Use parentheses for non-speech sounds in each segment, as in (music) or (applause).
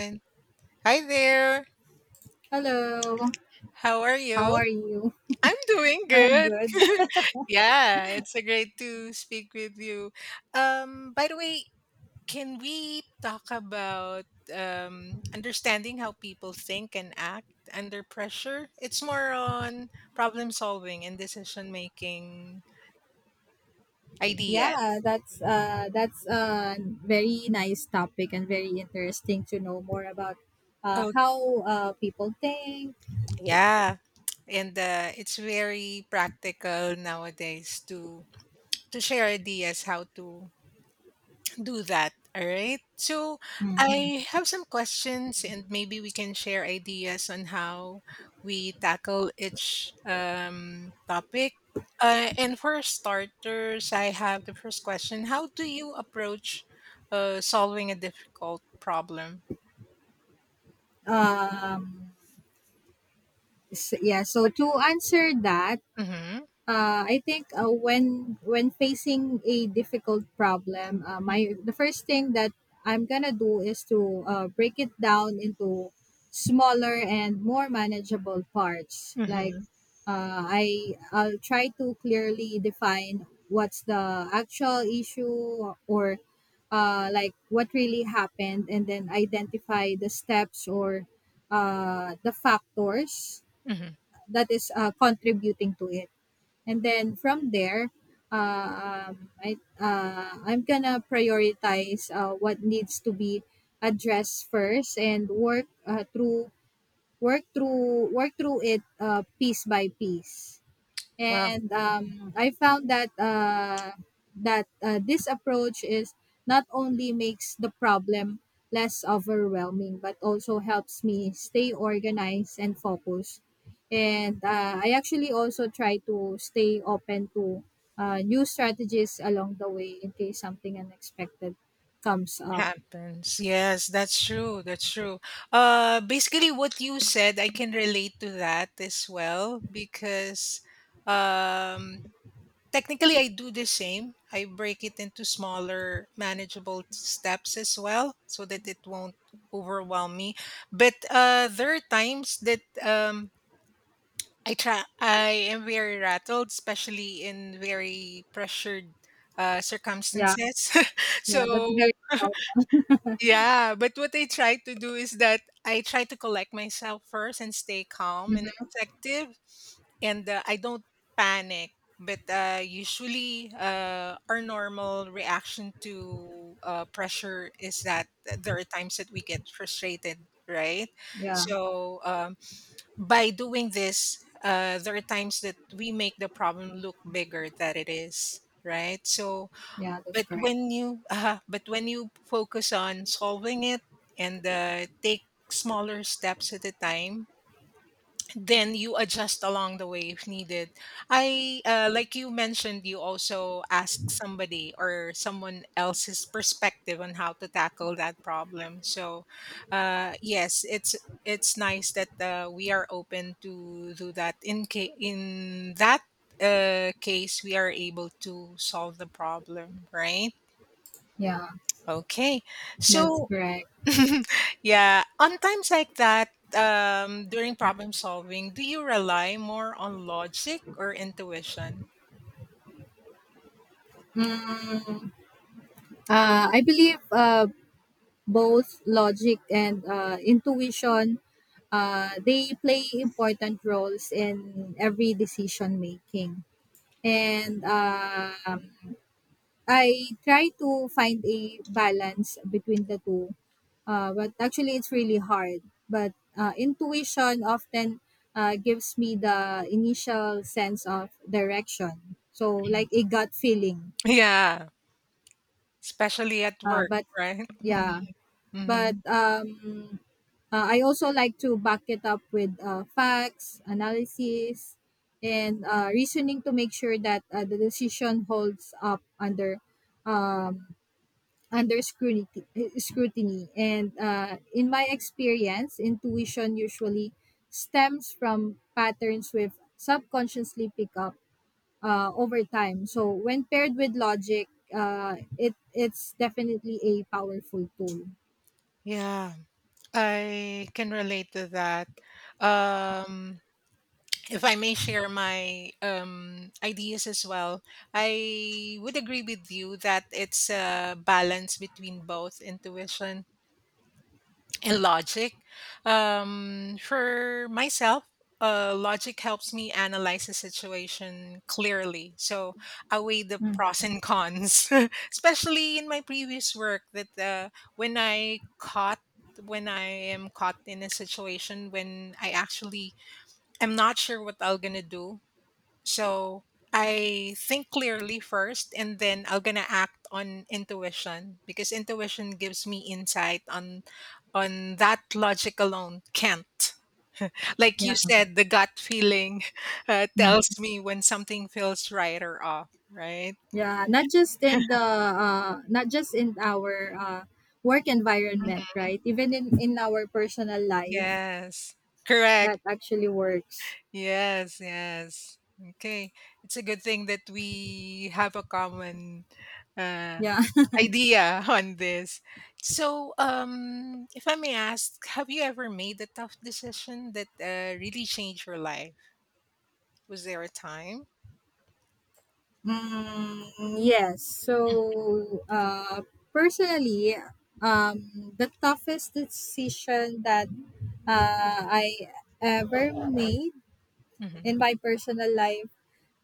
And hi there. Hello. How are you? How are you? I'm doing I'm good. good. (laughs) (laughs) Yeah, it's a great to speak with you. By the way, can we talk about understanding how people think and act under pressure? It's more on problem solving and decision making ideas. Yeah, that's a very nice topic and very interesting to know more about Oh, how people think. yeah. And it's very practical nowadays to share ideas how to do that. All right. So Mhm. I have some questions, and maybe we can share ideas on how we tackle each topic. And for starters, I have the first question: how do you approach solving a difficult problem? Um so What? to answer that, Mm-hmm. I think when facing a difficult problem, my the first thing that I'm gonna do is to break it down into smaller and more manageable parts. Like mm-hmm, I'll try to clearly define what's the actual issue or like what really happened, and then identify the steps or the factors mm-hmm. that is contributing to it. And then from there, I'm gonna prioritize what needs to be addressed first and work through it piece by piece. And I found that that this approach is not only makes the problem less overwhelming, but also helps me stay organized and focused. And I actually also try to stay open to new strategies along the way in case something unexpected comes up. happens. Yes, that's true. That's true. Basically, what you said, I can relate to that as well because um, technically I do the same. I break it into smaller, manageable steps as well so that it won't overwhelm me. But there are times that I am very rattled, especially in very pressured Yeah, circumstances. (laughs) yeah, So that's very helpful. yeah, but what I try to do is that I try to collect myself first and stay calm and Mhm. objective, and I don't panic. But usually, our normal reaction to pressure is that there are times that we get frustrated, right? yeah, So by doing this, there are times that we make the problem look bigger than it is, right? So yeah, that's but correct. when you focus on solving it and take smaller steps at a time, then you adjust along the way if needed. I like you mentioned, you also ask somebody or someone else's perspective on how to tackle that problem. So, yes, it's nice that we are open to do that. In that case, we are able to solve the problem, right? Yeah, Okay. that's So, correct. (laughs) yeah, on times like that, during problem solving, do you rely more on logic or intuition? Mm, I believe both logic and intuition they play important roles in every decision making. And I try to find a balance between the two, but actually it's really hard. But intuition often gives me the initial sense of direction, so like a gut feeling. Yeah, especially at work, But right? yeah, (laughs) Hmm. But I also like to back it up with facts, analysis, and reasoning to make sure that the decision holds up under um, under scrutiny. Scrutiny, and in my experience, intuition usually stems from patterns we've subconsciously pick up over time. So when paired with logic, it's definitely a powerful tool. Yeah, I can relate to that. Um, if I may share my ideas as well, I would agree with you that it's a balance between both intuition and logic. For myself, logic helps me analyze the situation clearly. So I weigh the pros and cons, (laughs) especially in my previous work. That when I caught when I am caught in a situation when I actually am not sure what I'm gonna do, so I think clearly first, and then I'm gonna act on intuition because intuition gives me insight on that logic alone can't. Like Yeah. you said, the gut feeling (laughs) tells me when something feels right or off, right? Yeah, not just in the not just in our work environment, Mhm. right? Even in our personal life, Yes, correct. that actually works. Yes, yes. Okay, it's a good thing that we have a common uh, Yeah. (laughs) idea (laughs) on this. So, if I may ask, have you ever made a tough decision that really changed your life? Was there a time? Mm, yes. So, personally, the toughest decision that I ever made Hmm. in my personal life,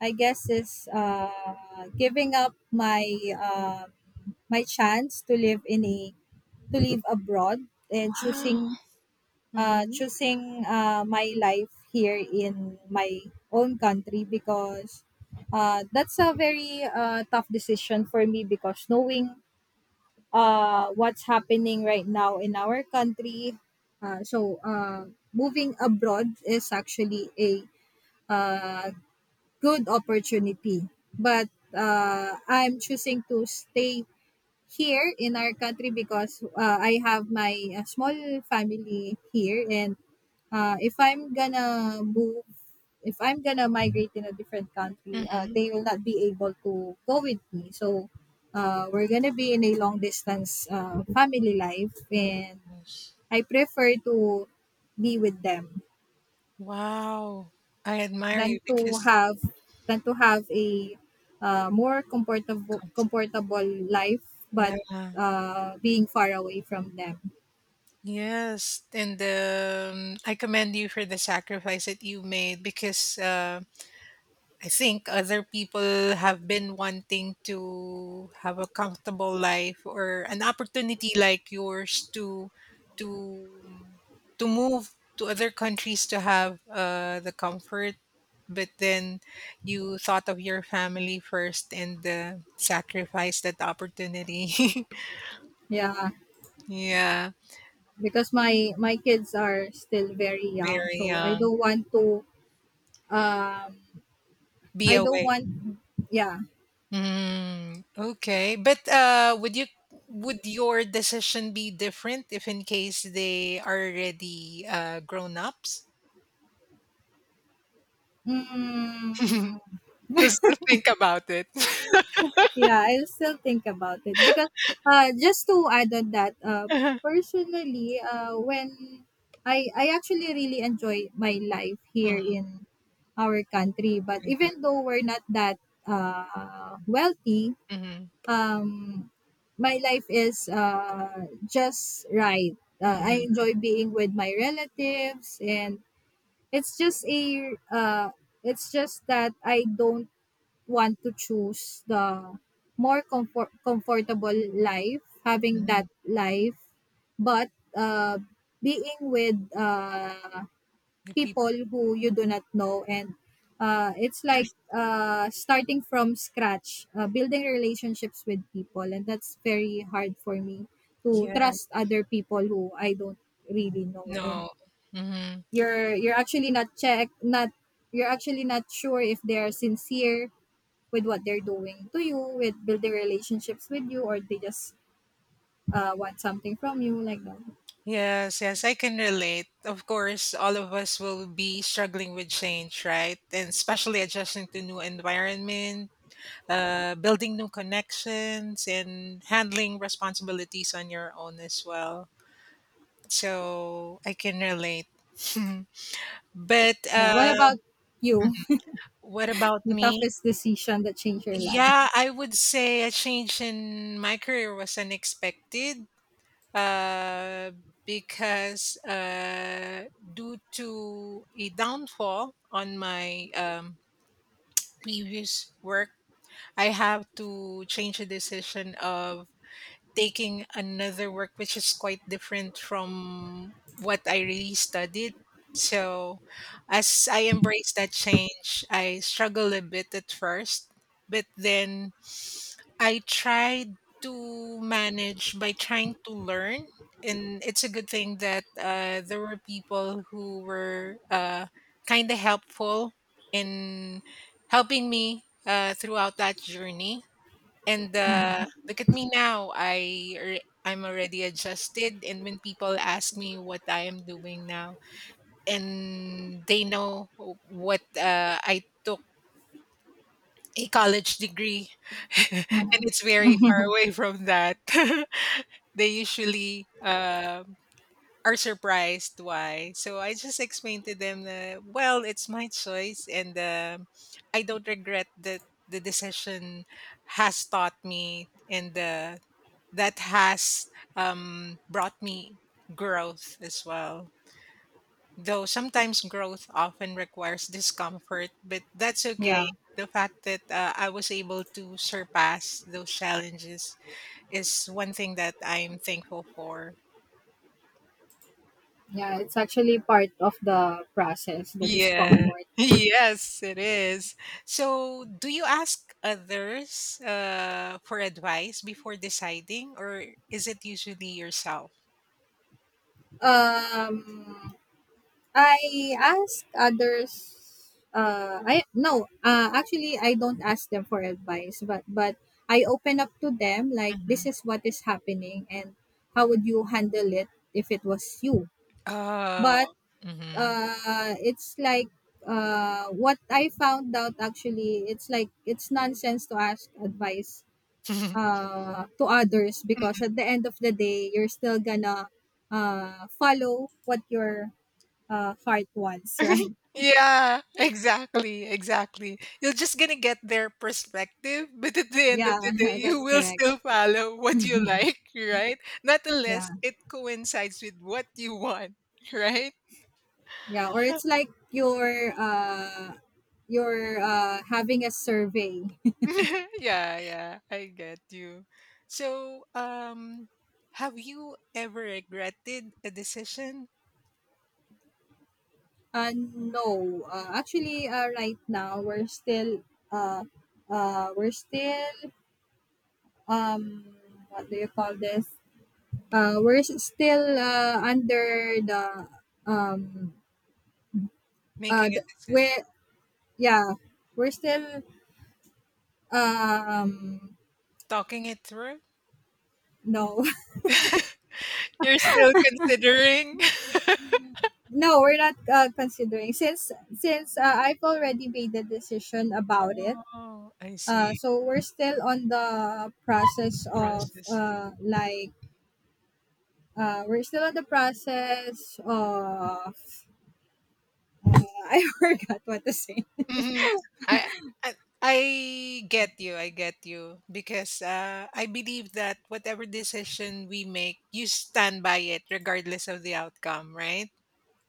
I guess is giving up my um my chance to live in a to live abroad and Wow. choosing hmm my life here in my own country because that's a very tough decision for me because knowing what's happening right now in our country uh, so uh, moving abroad is actually a uh, good opportunity. But I'm choosing to stay here in our country because I have my small family here. And if I'm gonna move, if I'm gonna migrate in a different country, hmm. they will not be able to go with me. So we're gonna be in a long distance family life, (gasps) and Yes. I prefer to be with them. Wow. I admire you than to because, have than to have a more comfortable life yeah, but being far away from them. yes, and I commend you for the sacrifice that you made because I think other people have been wanting to have a comfortable life or an opportunity like yours to to to move to other countries to have the comfort, but then you thought of your family first and sacrificed that opportunity. Yeah, (laughs) Yeah, because my kids are still very young, very so I young. don't want to. Um Be I don't away. want yeah Mm, okay. But would your decision be different if in case they are already grown ups? mm, (laughs) You still think about it. (laughs) Yeah, I'll still think about it because just to add on that, Mhm. personally, when I actually really enjoy my life here in our country, but mhm, even though we're not that wealthy, mhm, um, my life is just right. I mhm, enjoy being with my relatives, and it's just a it's just that I don't want to choose the more comfortable life, having mhm. that life, but uh, being with The people people. who you do not know, and it's like starting from scratch, building relationships with people, and that's very hard for me to Yeah. trust other people who I don't really know, and No. Hmm. you're you're actually not check not you're actually not sure if they are sincere with what they're doing to you, with building relationships with you, or they just want something from you, like that. Yes, yes, I can relate. Of course, all of us will be struggling with change, right? And especially adjusting to new environment, building new connections and handling responsibilities on your own as well. So I can relate. (laughs) But Yeah. What about you? (laughs) what about The me? toughest decision that changed your life? Yeah, I would say a change in my career was unexpected uh, because due to a downfall on my previous work, I have to change a decision of taking another work which is quite different from what I really studied. So, as I embrace that change, I struggle a bit at first, but then I tried to manage by trying to learn. And it's a good thing that there were people who were kind of helpful in helping me throughout that journey and look at me now. I'm already adjusted. And when people ask me what I am doing now, and they know what I took a college degree, (laughs) and it's very far away from that. (laughs) They usually are surprised why. So I just explained to them that well, it's my choice, and I don't regret that the decision has taught me and that has brought me growth as well. Though sometimes growth often requires discomfort, but that's Yeah. okay. The fact that I was able to surpass those challenges is one thing that I'm thankful for. Yeah, it's actually part of the process, the Yeah. (laughs) discomfort. Yes, it is. So, do you ask others for advice before deciding, or is it usually yourself? Um, I ask others. I no. Actually, I don't ask them for advice, but I open up to them. Like this Hmm. is what is happening, and how would you handle it if it was you? Oh. But it's like what I found out actually, it's like it's nonsense to ask advice Hmm. To others because (laughs) at the end of the day, you're still gonna follow what your heart wants, (laughs) (laughs) right? Yeah, exactly, exactly. You're just gonna get their perspective, (laughs) but at the end of Yeah, the (laughs) day, you that's will correct. still follow what you like, right? Not Yeah, unless it coincides with what you want, right? yeah. Or it's like you're having a survey. (laughs) Yeah, yeah, I get you. So, have you ever regretted a decision? No, actually, right now we're still uh, we're still, um, what do you call this? We're s- still under um Making a the, we decision, yeah we're still um talking it through? no You're still considering? (laughs) (laughs) No We're not considering since I've already made the decision about it. Oh, I see. So we're still on the process of Process. Uh, we're still in the process of (laughs) I forgot what to say. Mhm. I I I get you, I get you. Because I believe that whatever decision we make, you stand by it regardless of the outcome, right?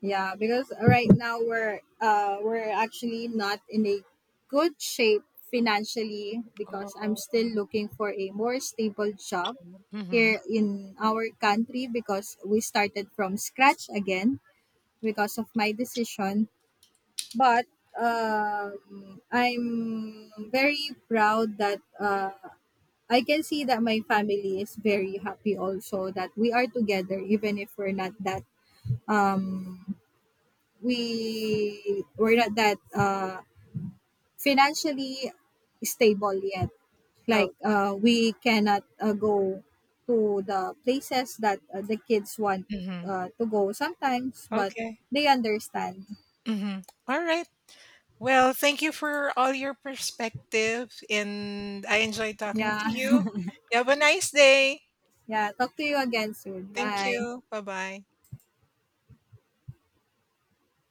Yeah, because right now we're actually not in a good shape financially because I'm Oh, still looking for a more stable job mm-hmm. here in our country because we started from scratch again because of my decision. But I'm very proud that I can see that my family is very happy also that we are together even if we're not that um we're not that financially stable yet. Oh, Like we cannot go to the places that the kids want mm-hmm. To go sometimes, but Okay. they understand. Mm-hmm. All right. Well, thank you for all your perspective, and I enjoyed talking Yeah. to you. You have a nice day. (laughs) Yeah, talk to you again soon. Thank Bye. you. Bye bye.